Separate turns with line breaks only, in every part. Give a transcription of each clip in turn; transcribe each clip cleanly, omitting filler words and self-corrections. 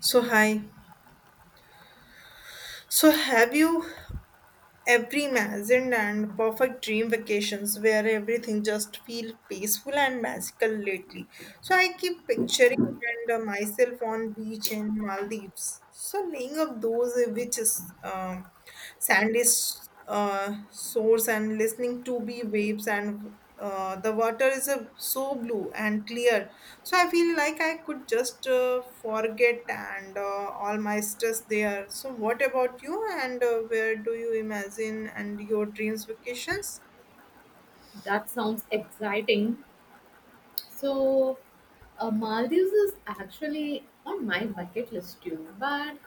So hi. So have you ever imagined and perfect dream vacations where everything just feel peaceful and magical lately? So I keep picturing and myself on beach in Maldives. So laying up those which is sandy source and listening to be waves and the water is so blue and clear, so I feel like I could just forget and all my stress there. So what about you and where do you imagine and your dreams vacations?
That sounds exciting. So, Maldives is actually on my bucket list too, but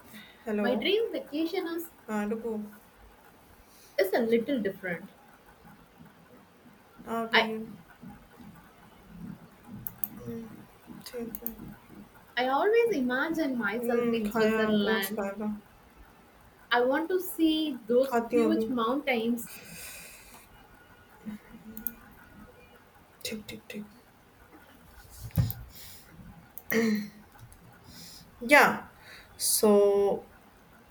my
Hello,
dream vacation
हाँ रुको,
is a little different.
Uh
I,
गई है. हम्म, ठीक है.
I always imagine myself in
खाया, oats
Switzerland.
खाएगा,
I want to see those
खाती हूँ
huge
अभी.
mountains.
ठीक, ठीक, ठीक, या, सो.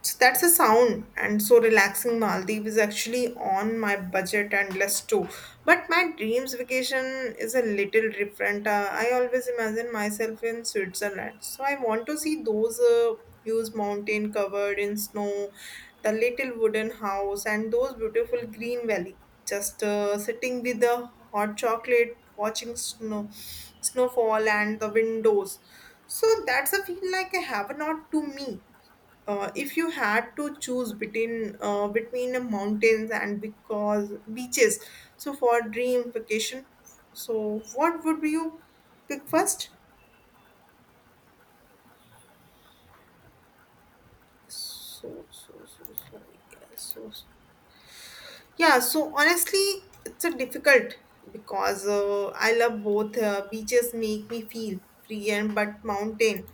So that's a sound, and so relaxing. Maldives is actually on my budget and list too. But my dreams vacation is a little different. I always imagine myself in Switzerland, so I want to see those huge mountain covered in snow, the little wooden house, and those beautiful green valley. Just sitting with the hot chocolate, watching snow, snowfall, and the windows. So that's a feel like a heaven not to me. If you had to choose between the mountains and because beaches, so for dream vacation, so what would you pick first? So yeah so, so yeah. So honestly, it's a difficult because I love both. Beaches make me feel free, and but mountain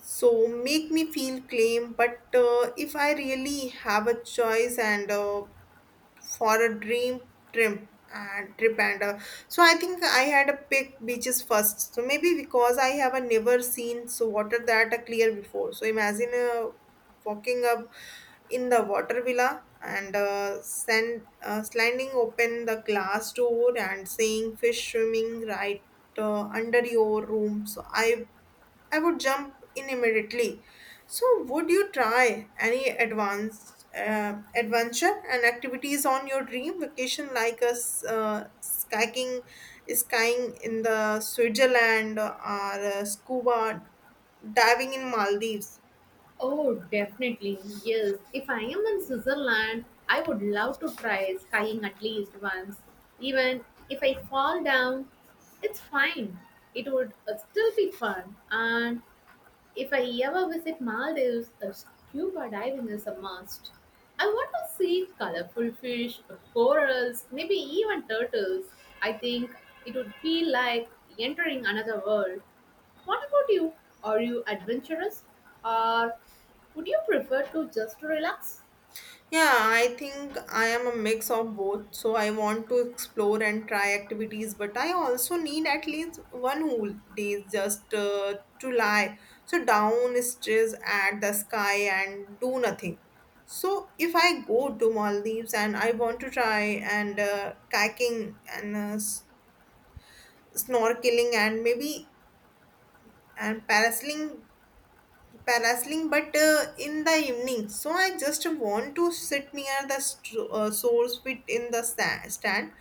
so make me feel claim, but if I really have a choice and for a dream trip and trip and so I think I had a pick beaches first, so maybe because I have a never seen so water that are clear before. So imagine walking up in the water villa and sliding open the glass door and seeing fish swimming right under your room. So I would jump in immediately. So, would you try any advanced adventure and activities on your dream vacation, like skiing, skiing in the Switzerland, or scuba diving in Maldives?
Oh, definitely, yes. If I am in Switzerland, I would love to try skiing at least once. Even if I fall down, it's fine. It would still be fun and if I ever visit Maldives, a scuba diving is a must. I want to see colorful fish, corals, maybe even turtles. I think it would feel like entering another world. What about you? Are you adventurous or would you prefer to just relax?
Yeah, I think I am a mix of both. So I want to explore and try activities, but I also need at least one whole day just to lie. So down stares at the sky and do nothing. So if I go to Maldives and I want to try and kayaking and snorkeling and maybe and parasailing but in the evening, so I just want to sit near the source fit in the stand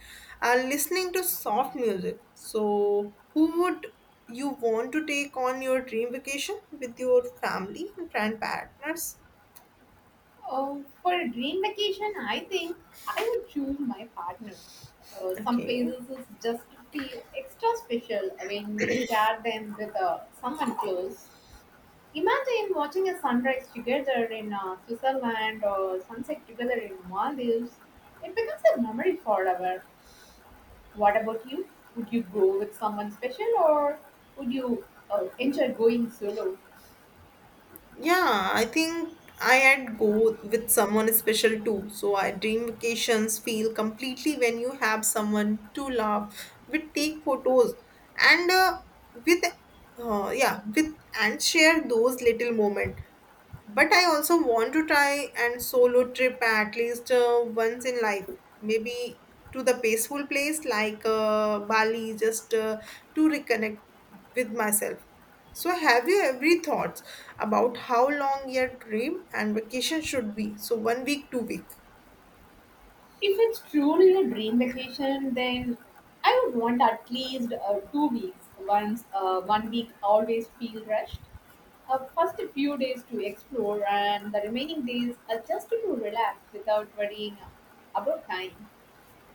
listening to soft music. So who would you want to take on your dream vacation, with your family and friend partners?
For a dream vacation, I think I would choose my partner. Some
Okay.
places is just feel extra special when you share them with someone close. Imagine watching a sunrise together in Switzerland or sunset together in Maldives. It becomes a memory forever. What about you? Would you go with someone special or would you enjoy going solo?
Yeah, I think I had go with someone special too. So I dream vacations feel completely when you have someone to laugh with, take photos, and with yeah with and share those little moments. But I also want to try and solo trip at least once in life. Maybe to the peaceful place like Bali, just to reconnect with myself. So, have you every thoughts about how long your dream and vacation should be? So, 1 week, 2 week.
If it's truly a dream vacation, then I would want at least 2 weeks. Once one week always feel rushed. First few days to explore, and the remaining days are just to relax without worrying about time.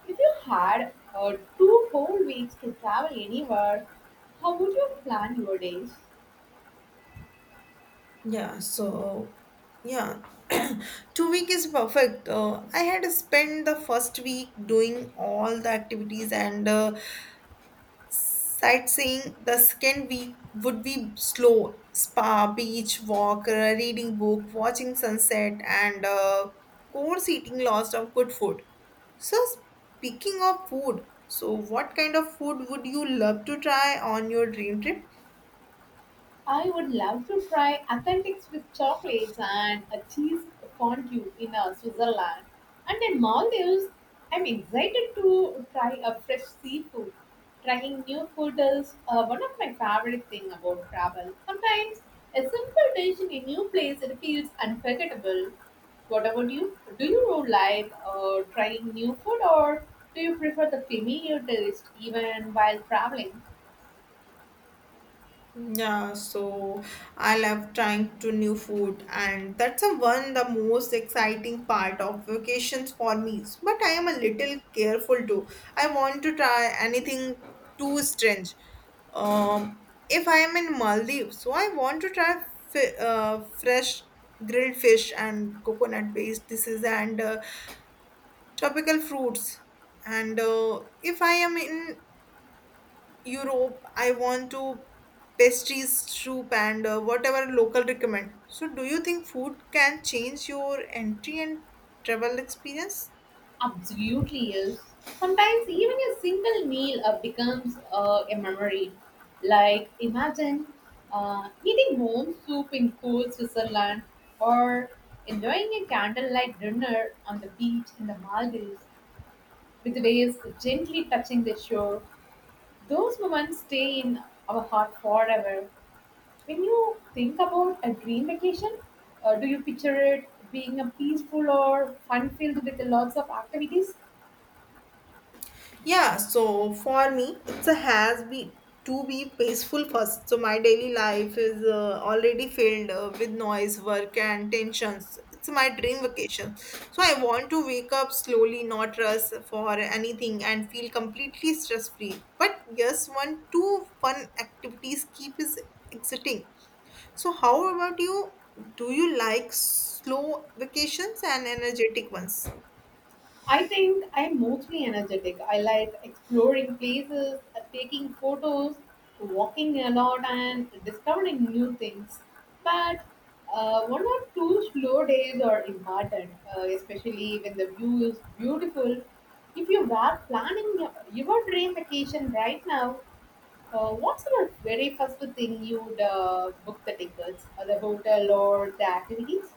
If you had two whole weeks to travel anywhere, how would you plan your days?
Yeah, so yeah, 2 week is perfect. I had spent the first week doing all the activities and sightseeing. The second week would be slow spa, beach walk, reading book, watching sunset, and course eating lots of good food. So, speaking of food, so what kind of food would you love to try on your dream trip?
I would love to try authentic Swiss chocolates and a cheese fondue in Switzerland. And in Maldives, I'm excited to try a fresh seafood. Trying new food is one of my favorite thing about travel. Sometimes a simple dish in a new place it feels unforgettable. What about you? Do you like trying new food or do you prefer the familiar taste even while traveling?
Yeah, so I love trying to new food and that's a one the most exciting part of vacations for me. But I am a little careful too. I want to try anything too strange. If I am in Maldives, so I want to try fresh grilled fish and coconut based dishes and tropical fruits. And if I am in Europe, I want to pastries, soup, and whatever local recommend. So, do you think food can change your entry and travel experience?
Absolutely is. Sometimes even a single meal becomes a memory. Like imagine eating warm soup in cold Switzerland or enjoying a candlelight dinner on the beach in the Maldives with waves gently touching the shore. Those moments stay in our heart forever. When you think about a dream vacation, do you picture it being a peaceful or fun filled with lots of activities?
Yeah, so for me, it's a has be to be peaceful first. So my daily life is already filled with noise, work, and tensions. It's my dream vacation. So I want to wake up slowly, not rush for anything, and feel completely stress free. But yes, one two fun activities keep is exciting. So how about you? Do you like slow vacations and energetic ones?
I think I'm mostly energetic. I like exploring places, taking photos, walking a lot, and discovering new things. But one or two slow days are important, especially when the view is beautiful. If you are planning your dream vacation right now, what's the very first thing you'd book, the tickets, or the hotel, or the activities?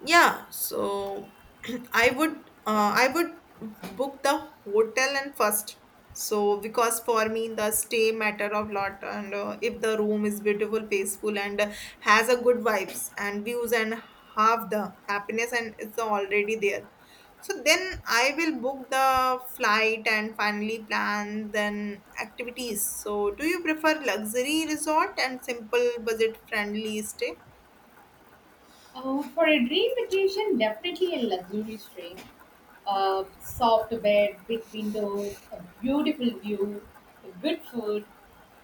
Yeah, so I would book the hotel and first. So because for me the stay matter of lot and if the room is beautiful, peaceful and has a good vibes and views and have the happiness, and it's already there. So then I will book the flight and finally plan then activities. So do you prefer luxury resort and simple budget friendly stay?
For a dream vacation, definitely a luxurious dream. Soft bed, big windows, a beautiful view, good food.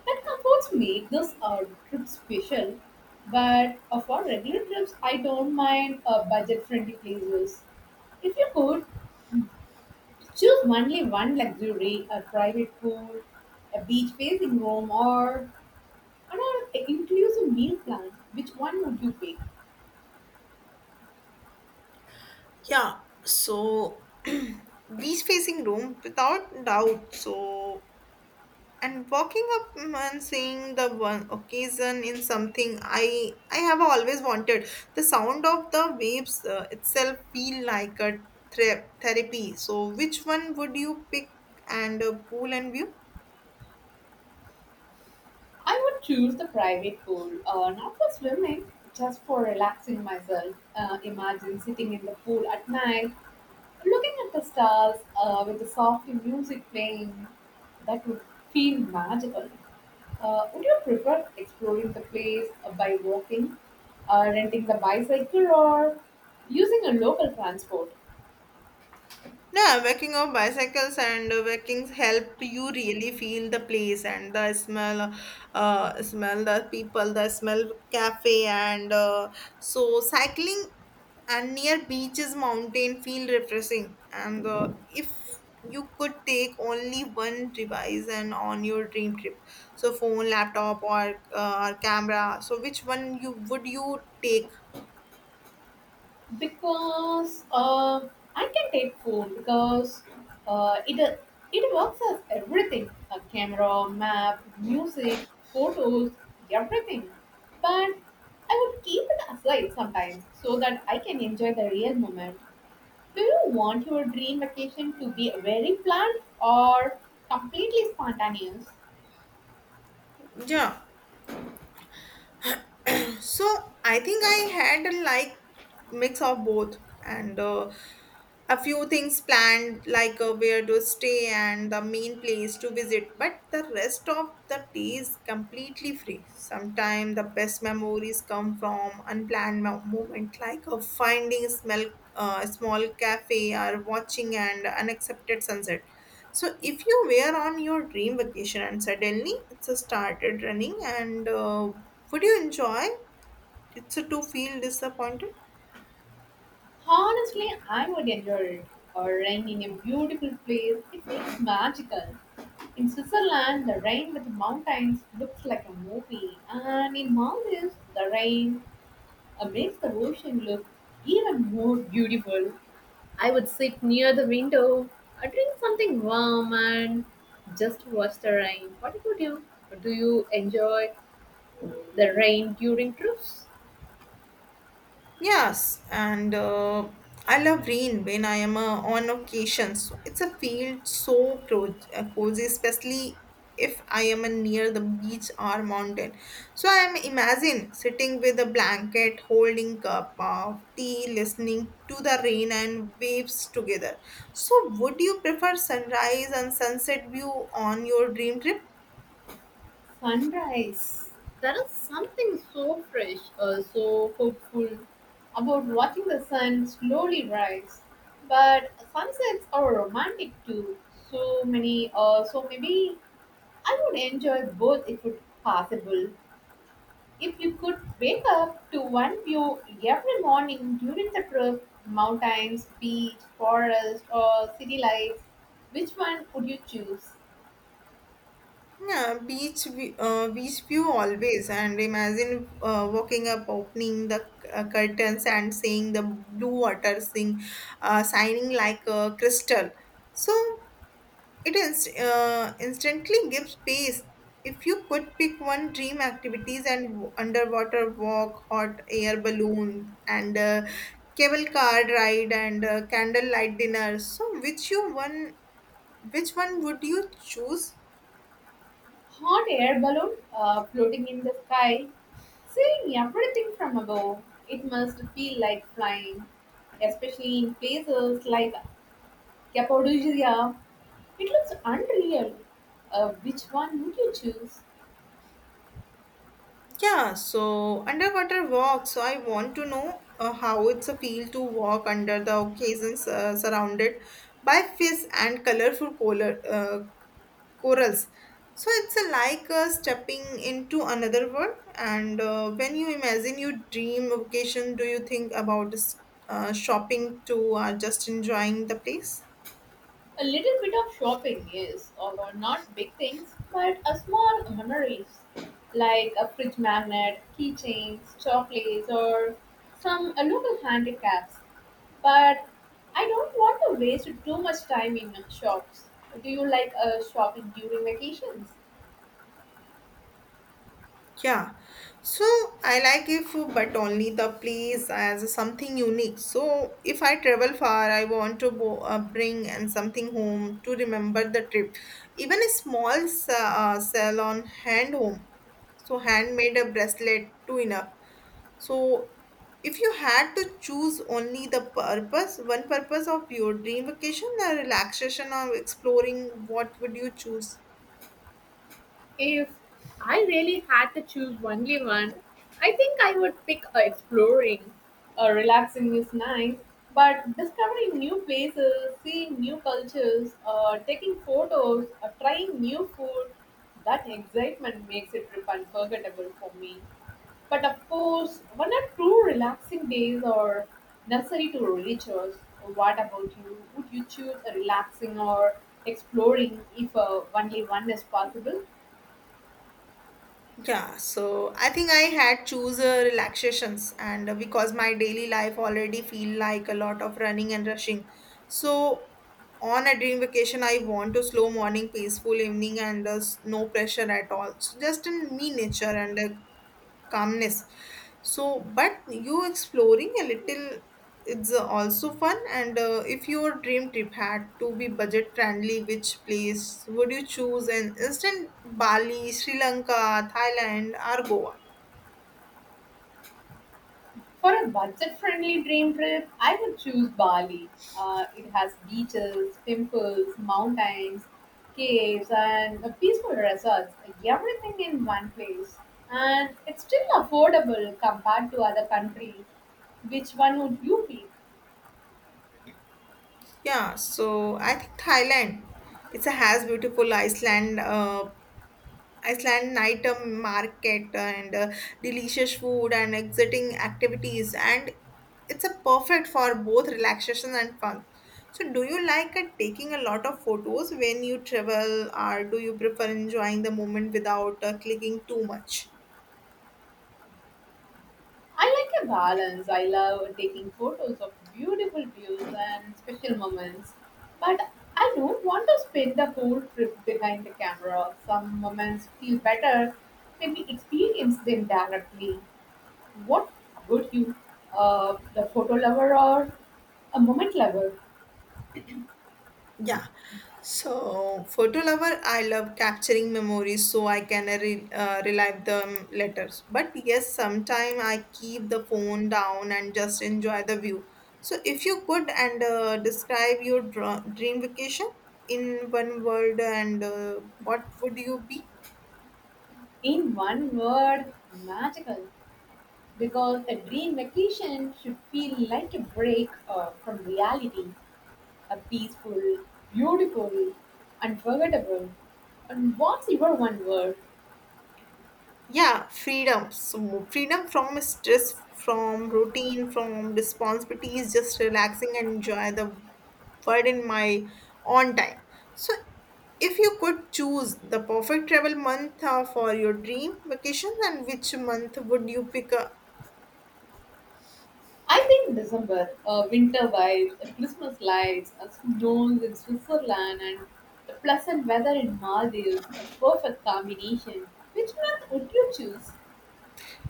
That comforts make this trip special. But for regular trips, I don't mind budget-friendly places. If you could, choose only one luxury, a private pool, a beach facing room, or an all-inclusive meal plan. Which one would you pick?
Yeah, so beach-facing room without doubt. So and walking up and seeing the one occasion in something I have always wanted. The sound of the waves itself feel like a therapy. So which one would you pick and pool and view?
I would choose the private pool, not for swimming, just for relaxing myself. Imagine sitting in the pool at night, looking at the stars with the soft music playing. That would feel magical. Would you prefer exploring the place by walking, renting the bicycle, or using a local transport?
Yeah, walking of bicycles and walking help you really feel the place and the smell, smell the people, the smell cafe and so cycling and near beaches, mountain feel refreshing. And if you could take only one device and on your dream trip, so phone, laptop, or or camera, so which one you would you take?
Because I can take food because uh, it it works as everything, a camera, map, music, photos, everything. But I would keep it aside sometimes so that I can enjoy the real moment. Do you want your dream vacation to be very planned or completely spontaneous?
Yeah. So I think I had like mix of both and a few things planned like where to stay and the main place to visit, but the rest of the day is completely free. Sometimes the best memories come from unplanned moment, like finding a smell small cafe or watching an unaccepted sunset. So if you were on your dream vacation and suddenly it's started running and would you enjoy it's a to feel disappointed?
Honestly, I would enjoy it. Or rain in a beautiful place. It feels magical. In Switzerland, the rain with the mountains looks like a movie. And in Maldives, the rain makes the ocean look even more beautiful. I would sit near the window, drink something warm, and just watch the rain. What about you? Do you enjoy the rain during trips?
Yes, and I love rain when I am on occasions. It's a field so cozy, especially if I am near the beach or mountain. So I am imagine sitting with a blanket holding cup of tea, listening to the rain and waves together. So would you prefer sunrise and sunset view on your dream trip?
Sunrise. There is something so fresh, so hopeful about watching the sun slowly rise. But sunsets are romantic too. So many, so maybe I would enjoy both if it possible. If you could wake up to one view every morning during the trip, mountains, beach, forest, or city lights, which one would you choose?
Yeah, beach view always. And imagine walking up, opening the curtains, and seeing the blue water sing, shining like a crystal. So it is instantly gives peace. If you could pick one dream activities and underwater walk, hot air balloon, and cable car ride, and candlelight dinner. Which one would you choose?
Hot air balloon floating in the sky. Seeing everything from above, it must feel like flying, especially in places like Cappadocia. It looks unreal. Which one would you choose?
Yeah, so underwater walk. So I want to know how it's a feel to walk under the occasions surrounded by fish and colorful color, corals. So it's a like stepping into another world. And when you imagine your dream vacation, do you think about shopping too or just enjoying the place?
A little bit of shopping, yes, or not big things, but a small memories like a fridge magnet, keychains, chocolates, or some local handicrafts. But I don't want to waste too much time in shops. Do you like shopping during vacations?
Yeah, so I like if but only the place as something unique. So if I travel far, I want to bring and something home to remember the trip. Even a small salon hand home, so handmade a bracelet too enough. So if you had to choose only the purpose, one purpose of your dream vacation, a relaxation or exploring, what would you choose?
If I really had to choose only one, I think I would pick exploring. Relaxing is nice, but discovering new places, seeing new cultures, taking photos, trying new food, that excitement makes it trip unforgettable for me. But of course, one or two relaxing days are necessary to reach us. What about you? Would you choose a relaxing or exploring if only one is possible?
Yeah, so I think I had choose relaxations and because my daily life already feel like a lot of running and rushing. So on a dream vacation, I want to slow morning, peaceful evening and no pressure at all. So just in me nature and calmness. So but you exploring a little, it's also fun and if your dream trip had to be budget friendly, which place would you choose and instant Bali, Sri Lanka, Thailand, or Goa?
For a budget friendly dream trip, I would choose Bali. It has beaches, temples, mountains, caves, and a peaceful resorts. Everything in one place. And it's still affordable compared to other countries. Which one would you pick?
Yeah, so I think Thailand. It's a has beautiful iceland, Iceland night market and delicious food and exciting activities, and it's a perfect for both relaxation and fun. So, do you like taking a lot of photos when you travel, or do you prefer enjoying the moment without clicking too much?
I like a balance. I love taking photos of beautiful views and special moments, but I don't want to spend the whole trip behind the camera. Some moments feel better when we experience them directly. What would you, the photo lover or a moment lover?
Yeah. So, photo lover, I love capturing memories so I can relive them later. But yes, sometimes I keep the phone down and just enjoy the view. So, if you could and describe your dream vacation in one word, and what would you be?
In one word, magical. Because a dream vacation should feel like a break from reality. A peaceful, beautiful, unforgettable. And what's your one word?
Yeah, freedom. So freedom from stress, from routine, from responsibilities, just relaxing and enjoy the world in my own time. So if you could choose the perfect travel month for your dream vacations, and which month would you pick up?
I think December, winter vibes, Christmas lights, snows in Switzerland, and the pleasant weather in Maldives, a perfect combination. Which month would you choose?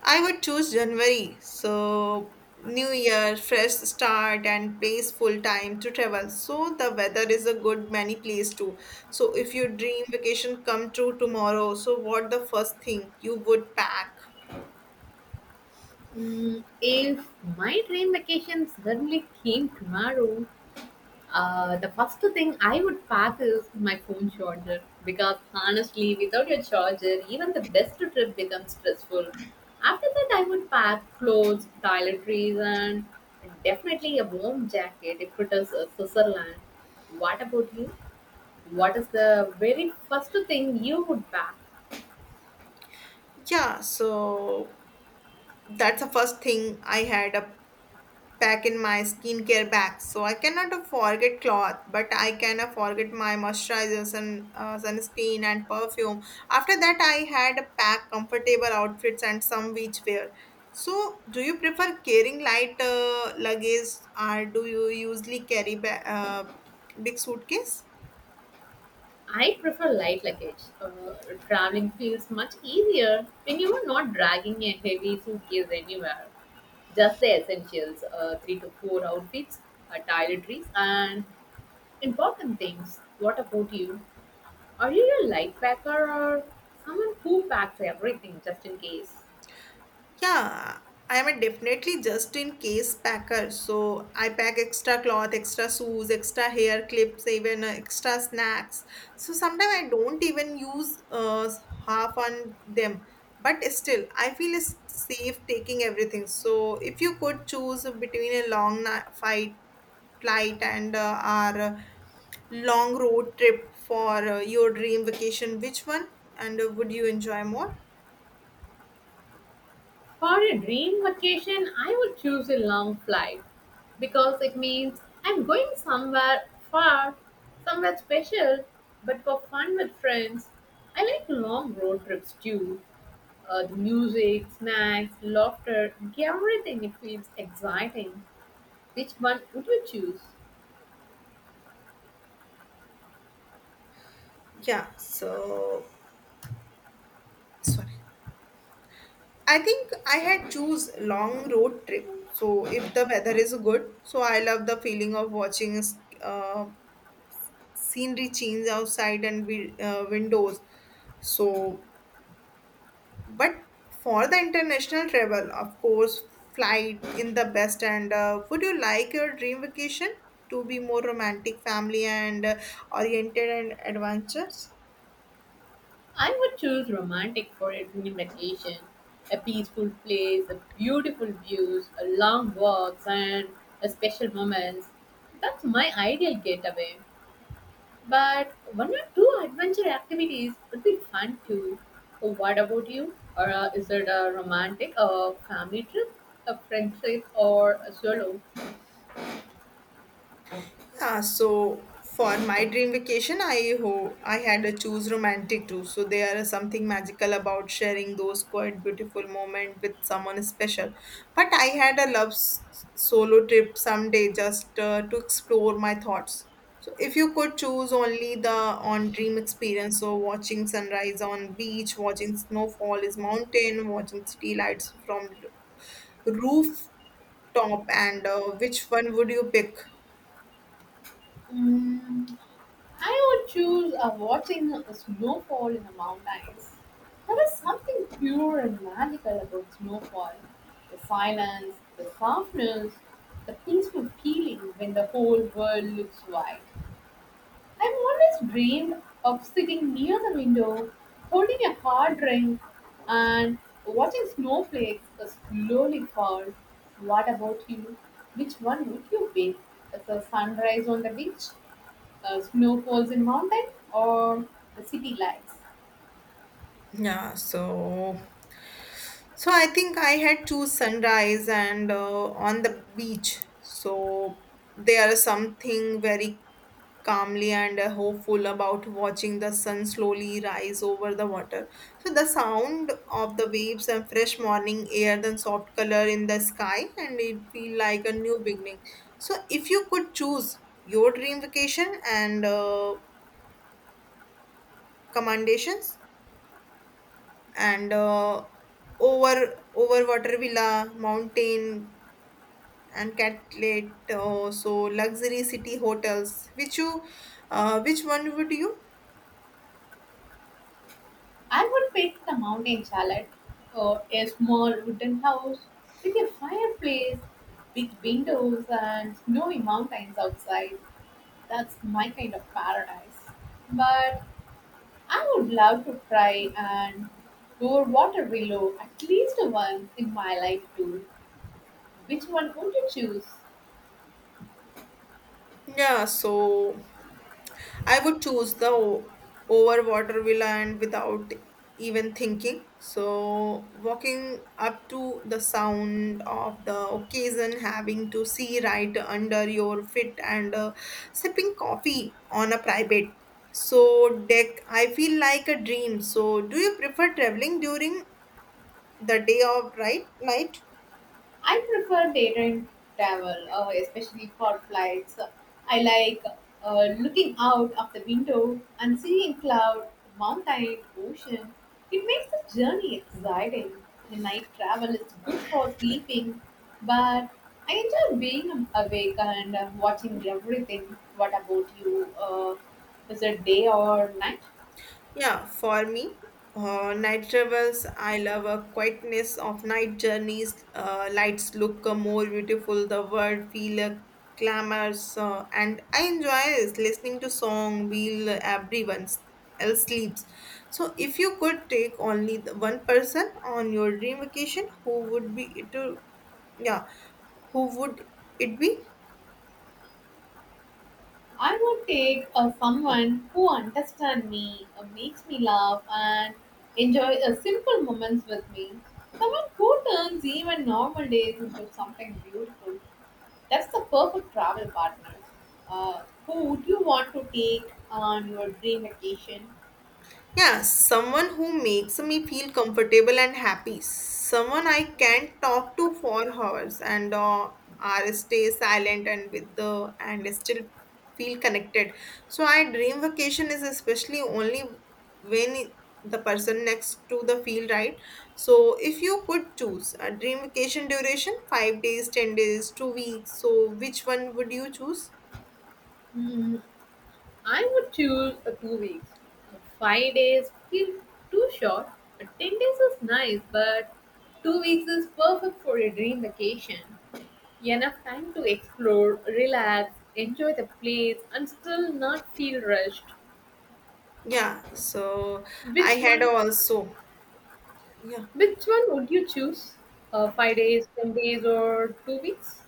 I would choose January. So, new year, fresh start, and place full time to travel. So, the weather is a good many place too. So, if your dream vacation come true tomorrow, so what the first thing you would pack?
Mm, if my dream vacation suddenly came tomorrow, the first thing I would pack is my phone charger because honestly, without your charger, even the best trip becomes stressful. After that, I would pack clothes, toiletries, and definitely a warm jacket if it is Switzerland. What about you? What is the very first thing you would pack?
Yeah, so that's the first thing I had a. pack in my skincare bag. So I cannot forget cloth, but I can forget my moisturizer, and sunscreen, and perfume. After that, I had a pack comfortable outfits and some beach wear. So, do you prefer carrying light luggage, or do you usually carry big suitcase?
I prefer light luggage. Traveling feels much easier when you are not dragging a heavy suitcase anywhere. Just the essentials, three to four outfits, toiletries, and important things. What about you? Are you a light packer or someone who packs everything just in case?
Yeah, I am a definitely just in case packer. So I pack extra cloth, extra shoes, extra hair clips, even extra snacks. So sometimes I don't even use half on them. But still, I feel safe taking everything. So if you could choose between a fight flight and our long road trip for your dream vacation, which one and would you enjoy more?
For a dream vacation, I would choose a long flight because it means I'm going somewhere far, somewhere special, but for fun with friends. I like long road trips too. The music, snacks, laughter, everything it feels exciting. Which one would you choose?
Yeah. So sorry. I think I had choose long road trip. So if the weather is good, so I love the feeling of watching uh, scenery change outside and windows. So, but for the international travel, of course, flight in the best. And would you like your dream vacation to be more romantic, family, and oriented and adventures?
I would choose romantic for a dream vacation. A peaceful place, a beautiful views, a long walks and a special moments. That's my ideal getaway. But one or two adventure activities would be fun too. So what about you? Or is it a romantic or family trip, a friend trip, or a solo?
Yeah, so for my dream vacation, I had to choose romantic too. So there is something magical about sharing those quite beautiful moments with someone special. But I had a solo trip someday just to explore my thoughts. So if you could choose only the on dream experience, so watching sunrise on beach, watching snowfall is mountain, watching city lights from rooftop, and which one would you pick?
Mm, I would choose watching a snowfall in the mountains. There is something pure and magical about snowfall. The silence, the softness, the peaceful feeling when the whole world looks white. I've always dreamed of sitting near the window, holding a hard drink, and watching snowflakes slowly fall. What about you? Which one would you pick? The sunrise on the beach, snowfalls in mountain, or the city lights.
Yeah, so I think I had choose sunrise and on the beach. So there is something very calmly and hopeful about watching the sun slowly rise over the water. So the sound of the waves and fresh morning air, then soft color in the sky, and it feel like a new beginning. So if you could choose your dream vacation and commendations, and over water villa mountain and catlet so luxury city hotels which you which one would you
I would pick the mountain chalet or a small wooden house with a fireplace, big windows, and snowy mountains outside. That's my kind of paradise. But I would love to try and go water willow at least once in my life too. Which one would you choose?
yeah so I would choose over water villa and without even thinking. So walking up to the sound of the occasion, having to see right under your feet, and sipping coffee on a private so deck. I feel like a dream. So do you prefer traveling during the day or right night?
I prefer daytime travel, especially for flights. I like looking out of the window and seeing cloud, mountain, ocean. It makes the journey exciting. The night travel is good for sleeping, but I enjoy being awake and watching everything. What about you? Is it day or night?
Yeah, for me, night travels, I love a quietness of night journeys. Lights look more beautiful, the world feel clamors, and I enjoy is listening to song while everyone else sleeps. So, if you could take only the one person on your dream vacation, who would be it? Yeah, who would it be?
I would take someone who understands me, makes me laugh, and enjoy simple moments with me. Someone who turns even normal days into something beautiful. That's the perfect travel partner. Who would you want to take on your dream vacation?
Yeah, someone who makes me feel comfortable and happy. Someone I can talk to for hours and or stay silent and with the and still feel connected. So I dream vacation is especially only when the person next to the feel right. So if you could choose a dream vacation duration, 5 days, 10 days, 2 weeks. So which one would you choose?
Hmm, I would choose 2 weeks. 5 days feels too short. But 10 days is nice, but 2 weeks is perfect for a dream vacation. Enough time to explore, relax, enjoy the place, and still not feel rushed.
Yeah. So I
Which
had
one?
also yeah.
Which one would you choose? 5 days, 10 days, or 2 weeks?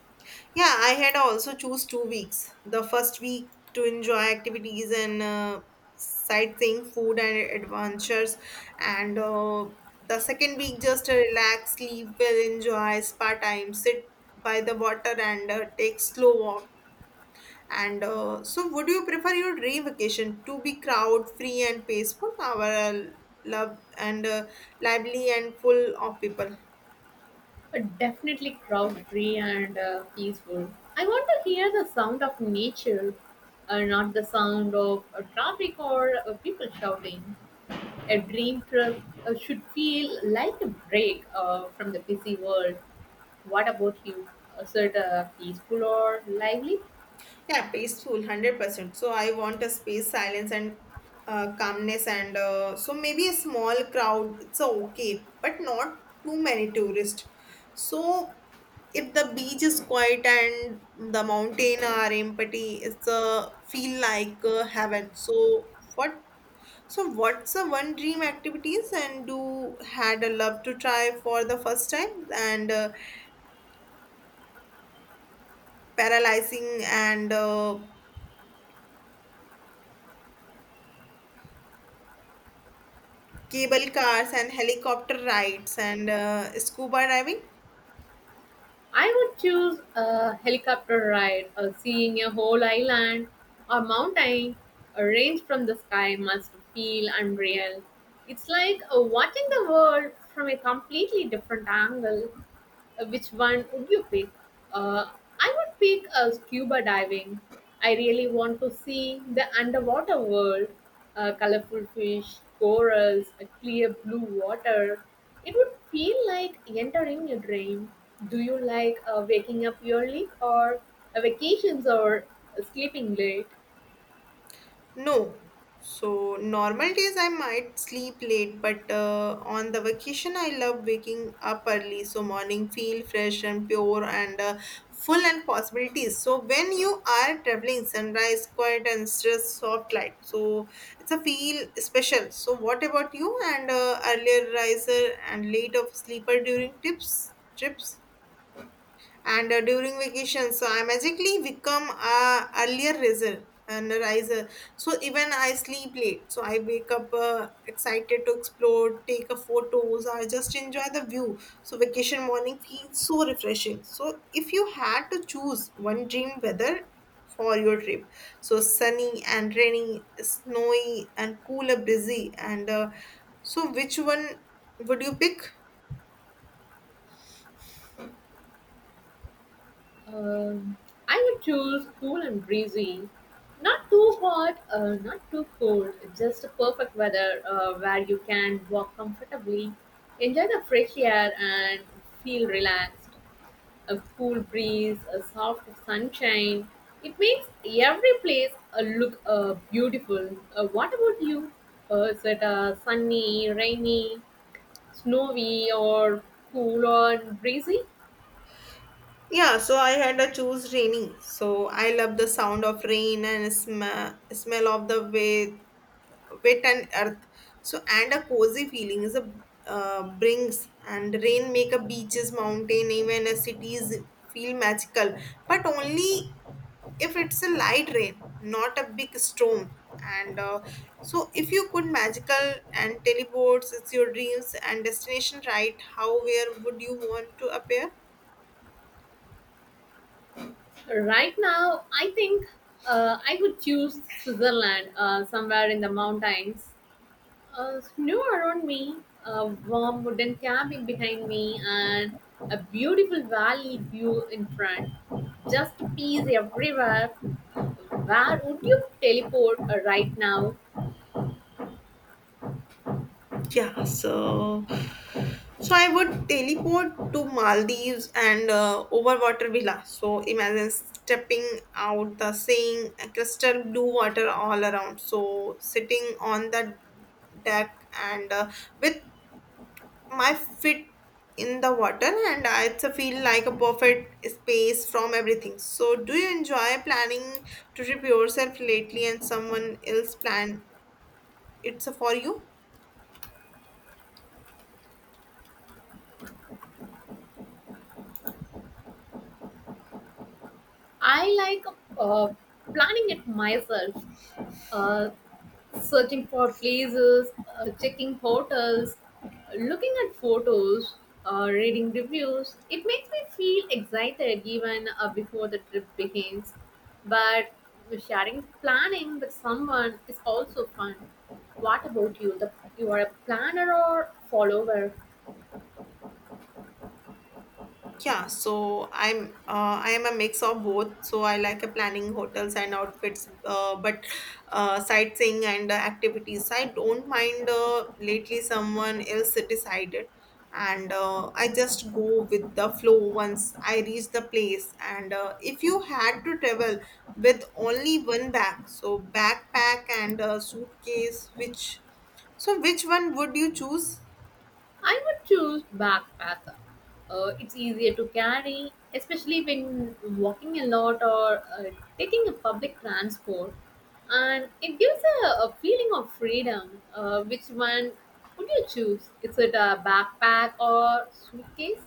Yeah, I had also choose 2 weeks. The first week to enjoy activities and sightseeing, food and adventures, and the second week just relax, sleep well, enjoy spa time, sit by the water and take slow walk. And so, would you prefer your dream vacation to be crowd free and peaceful, or love and lively and full of people?
Definitely crowd-free and peaceful. I want to hear the sound of nature, not the sound of traffic or people shouting. A dream trip should feel like a break from the busy world. What about you? Is it peaceful or lively?
Yeah, peaceful, 100%. So I want a space, silence, and calmness. And so maybe a small crowd, it's a okay, but not too many tourists. So if the beach is quiet and the mountain are empty, it's a feel like heaven. So what? So what's the one dream activities and do had a love to try for the first time and paralyzing and cable cars and helicopter rides and scuba diving?
I would choose a helicopter ride, or seeing a whole island or mountain, a range from the sky must feel unreal. It's like watching the world from a completely different angle. Which one would you pick? Uh, I would pick scuba diving. I really want to see the underwater world, colorful fish, corals, a clear blue water. It would feel like entering a dream. Do you like waking up early or vacations or sleeping late?
No. So, normal days I might sleep late, but on the vacation I love waking up early so morning feel fresh and pure and full and possibilities. So, when you are traveling, sunrise, quiet and stress, soft light. So, it's a feel special. So, what about you and earlier riser and late of sleeper during tips, trips? And during vacation so I magically become a earlier riser and a riser so even I sleep late so I wake up excited to explore take a photos or just enjoy the view so vacation morning feels so refreshing so if you had to choose one dream weather for your trip so sunny and rainy snowy and cooler busy and so which one would you pick.
Um, I would choose cool and breezy. Not too hot, not too cold. Just the perfect weather where you can walk comfortably, enjoy the fresh air, and feel relaxed. A cool breeze, a soft sunshine. It makes every place look beautiful. What about you? Is it sunny, rainy, snowy, or cool or breezy?
Yeah, so I had to choose rainy. So I love the sound of rain and smell of the wet, wet and earth. So and a cozy feeling is a brings and rain make a beaches, mountain, even a cities feel magical. But only if it's a light rain, not a big storm. And so if you could magical and teleports, it's your dreams and destination, right? How where would you want to appear?
Right now, I think I would choose Switzerland, somewhere in the mountains. Snow around me, a warm wooden cabin behind me, and a beautiful valley view in front. Just peace everywhere. Where would you teleport right now?
Yeah, so I would teleport to Maldives and over water villa. So imagine stepping out the seeing crystal blue water all around. So sitting on the deck and with my feet in the water and I it's a feel like a perfect space from everything. So do you enjoy planning to trip yourself lately and someone else plan it's a for you?
I like uh, planning it myself. Uh, searching for places, checking hotels, looking at photos, reading reviews. It makes me feel excited even before the trip begins. But sharing planning with someone is also fun. What about you? You are a planner or follower?
Yeah, so I am a mix of both. So I like a planning hotels and outfits, but sightseeing and activities. I don't mind. Lately, someone else decided, and I just go with the flow once I reach the place. And if you had to travel with only one bag, so backpack and suitcase, which so which one would you choose?
I would choose backpacker. It's easier to carry, especially when walking a lot or taking a public transport, and it gives a feeling of freedom. Which one would you choose? Is it a backpack or suitcase?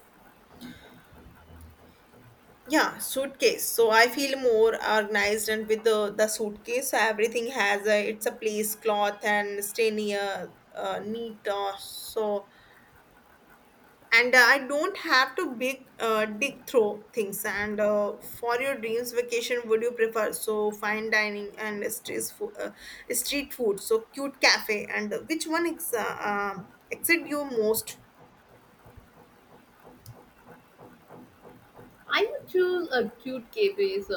Yeah, suitcase. So I feel more organized, and with the suitcase, so everything has a it's a place, cloth, and stay near, neat. So and I don't have to big dig through things. And for your dreams vacation, would you prefer so fine dining and street food, so cute cafe, and which one excites you most?
I would choose a cute suitcase.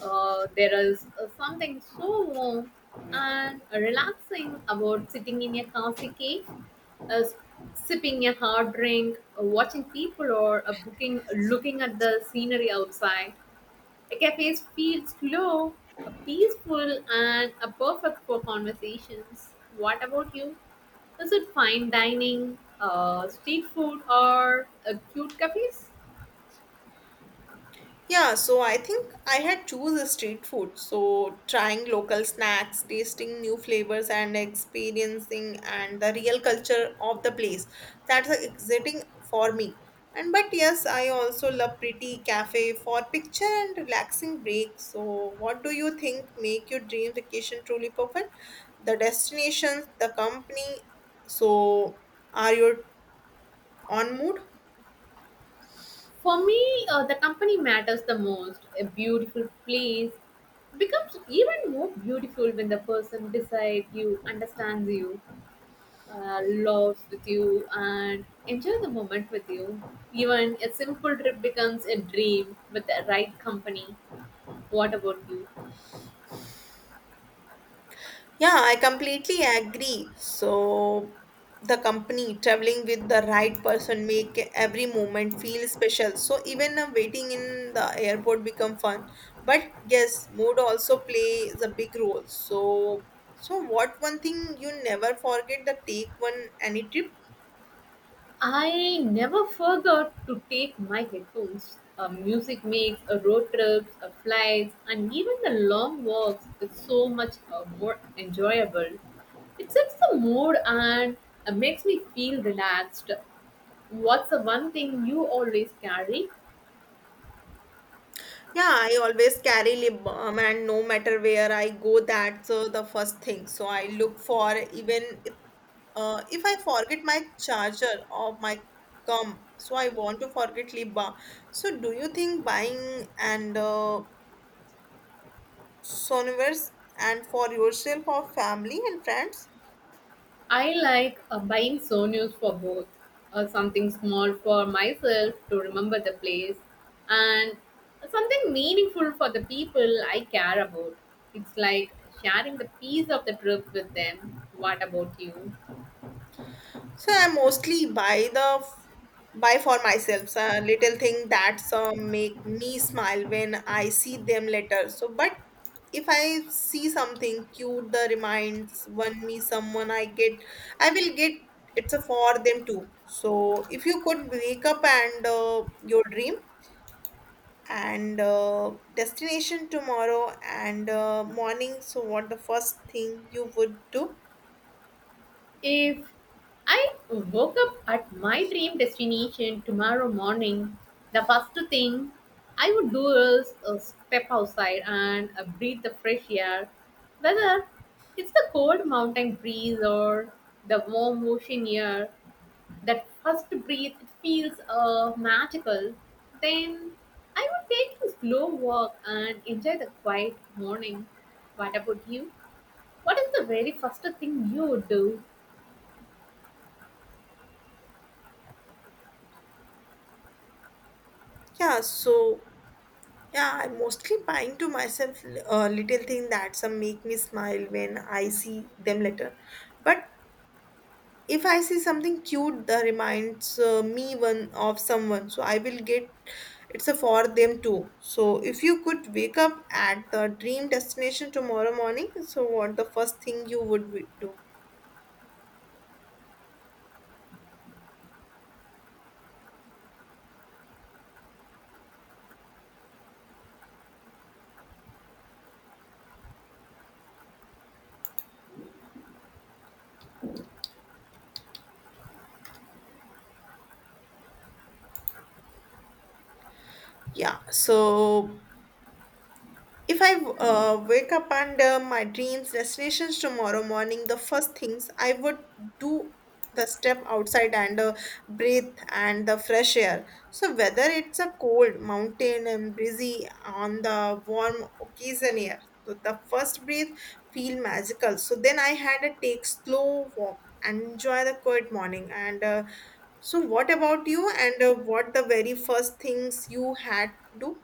There is something so warm and relaxing about sitting in a cozy cave uh, s- sipping a hard drink, watching people, or booking, looking at the scenery outside. A cafe feels slow, peaceful, and perfect for conversations. What about you? Is it fine dining, street food, or cute cafes?
Yeah, so I think I had choose a street food. So trying local snacks, tasting new flavors and experiencing and the real culture of the place. That's exciting for me. And but yes, I also love pretty cafe for picture and relaxing break. So what do you think make your dream vacation truly perfect? The destinations, the company. So are you on mood?
For me, the company matters the most. A beautiful place becomes even more beautiful when the person beside you understands you, laugh with you and enjoy the moment with you. Even a simple trip becomes a dream with the right company. What about you?
Yeah, I completely agree. So, the company traveling with the right person make every moment feel special. So even waiting in the airport become fun. But yes, mood also plays a big role. So so what one thing you never forget the take one any trip?
I never forgot to take my headphones. Music makes road trips, flights, and even the long walks is so much more enjoyable. It sets the mood and makes me feel relaxed. What's the one thing you always carry?
Yeah, I always carry lip balm and no matter where I go, that's the first thing. So I look for even. If I forget my charger or my gum, so I want to forget lip balm. So do you think buying and sonivers and for yourself or family and friends?
I like buying souvenirs for both, something small for myself to remember the place, and something meaningful for the people I care about. It's like sharing the piece of the trip with them. What about you?
So I mostly buy for myself so a little thing that's make me smile when I see them later. So but if I see something cute that reminds one me someone I get, I will get it's a for them too. So if you could wake up and your dream and destination tomorrow and morning, so what the first thing you would do?
If I woke up at my dream destination tomorrow morning, the first thing I would do is step outside and breathe the fresh air, whether it's the cold mountain breeze or the warm ocean air. That first breath it feels magical. Then I would take a slow walk and enjoy the quiet morning. What about you? What is the very first thing you would do?
Yeah, so yeah, I'm mostly buying to myself little thing that some make me smile when I see them later. But if I see something cute that reminds me one of someone, so I will get it's a for them too. So if you could wake up at the dream destination tomorrow morning, so what the first thing you would do? Yeah. So if I wake up and my dreams destinations tomorrow morning, the first things I would do the step outside and breathe and the fresh air. So whether it's a cold mountain and breezy on the warm occasion air, so the first breath feel magical. So then I had a take slow walk and enjoy the quiet morning. And so what about you? And what the very first things you had do?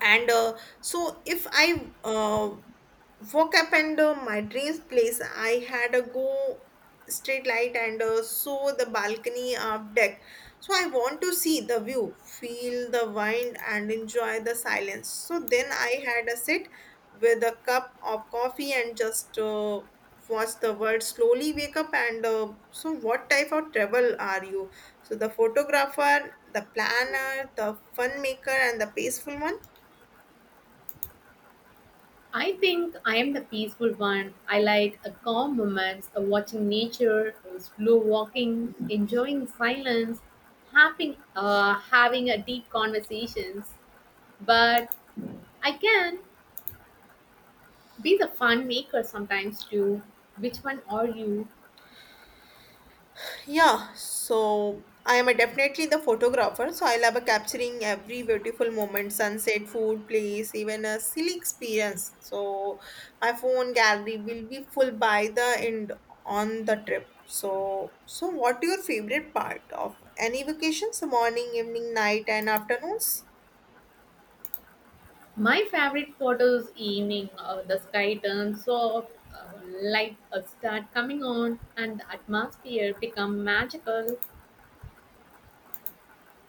And so if I woke up and my dreams place I had a go straight light and saw the balcony of deck so I want to see the view feel the wind and enjoy the silence so then I had a sit with a cup of coffee and just watch the world slowly wake up and so what type of travel are you so the photographer the planner the fun maker and the peaceful one.
I think I am the peaceful one. I like a calm moments, a watching nature, a slow walking, enjoying silence, having a deep conversations. But I can be the fun maker sometimes too. Which one are you?
Yeah, so I am a definitely the photographer, so I love a capturing every beautiful moment, sunset, food, place, even a silly experience. So my phone gallery will be full by the end on the trip. So so what your favorite part of any vacations? Morning, evening, night and afternoons?
My favorite photos evening. The sky turns soft, light start coming on, and the atmosphere become magical.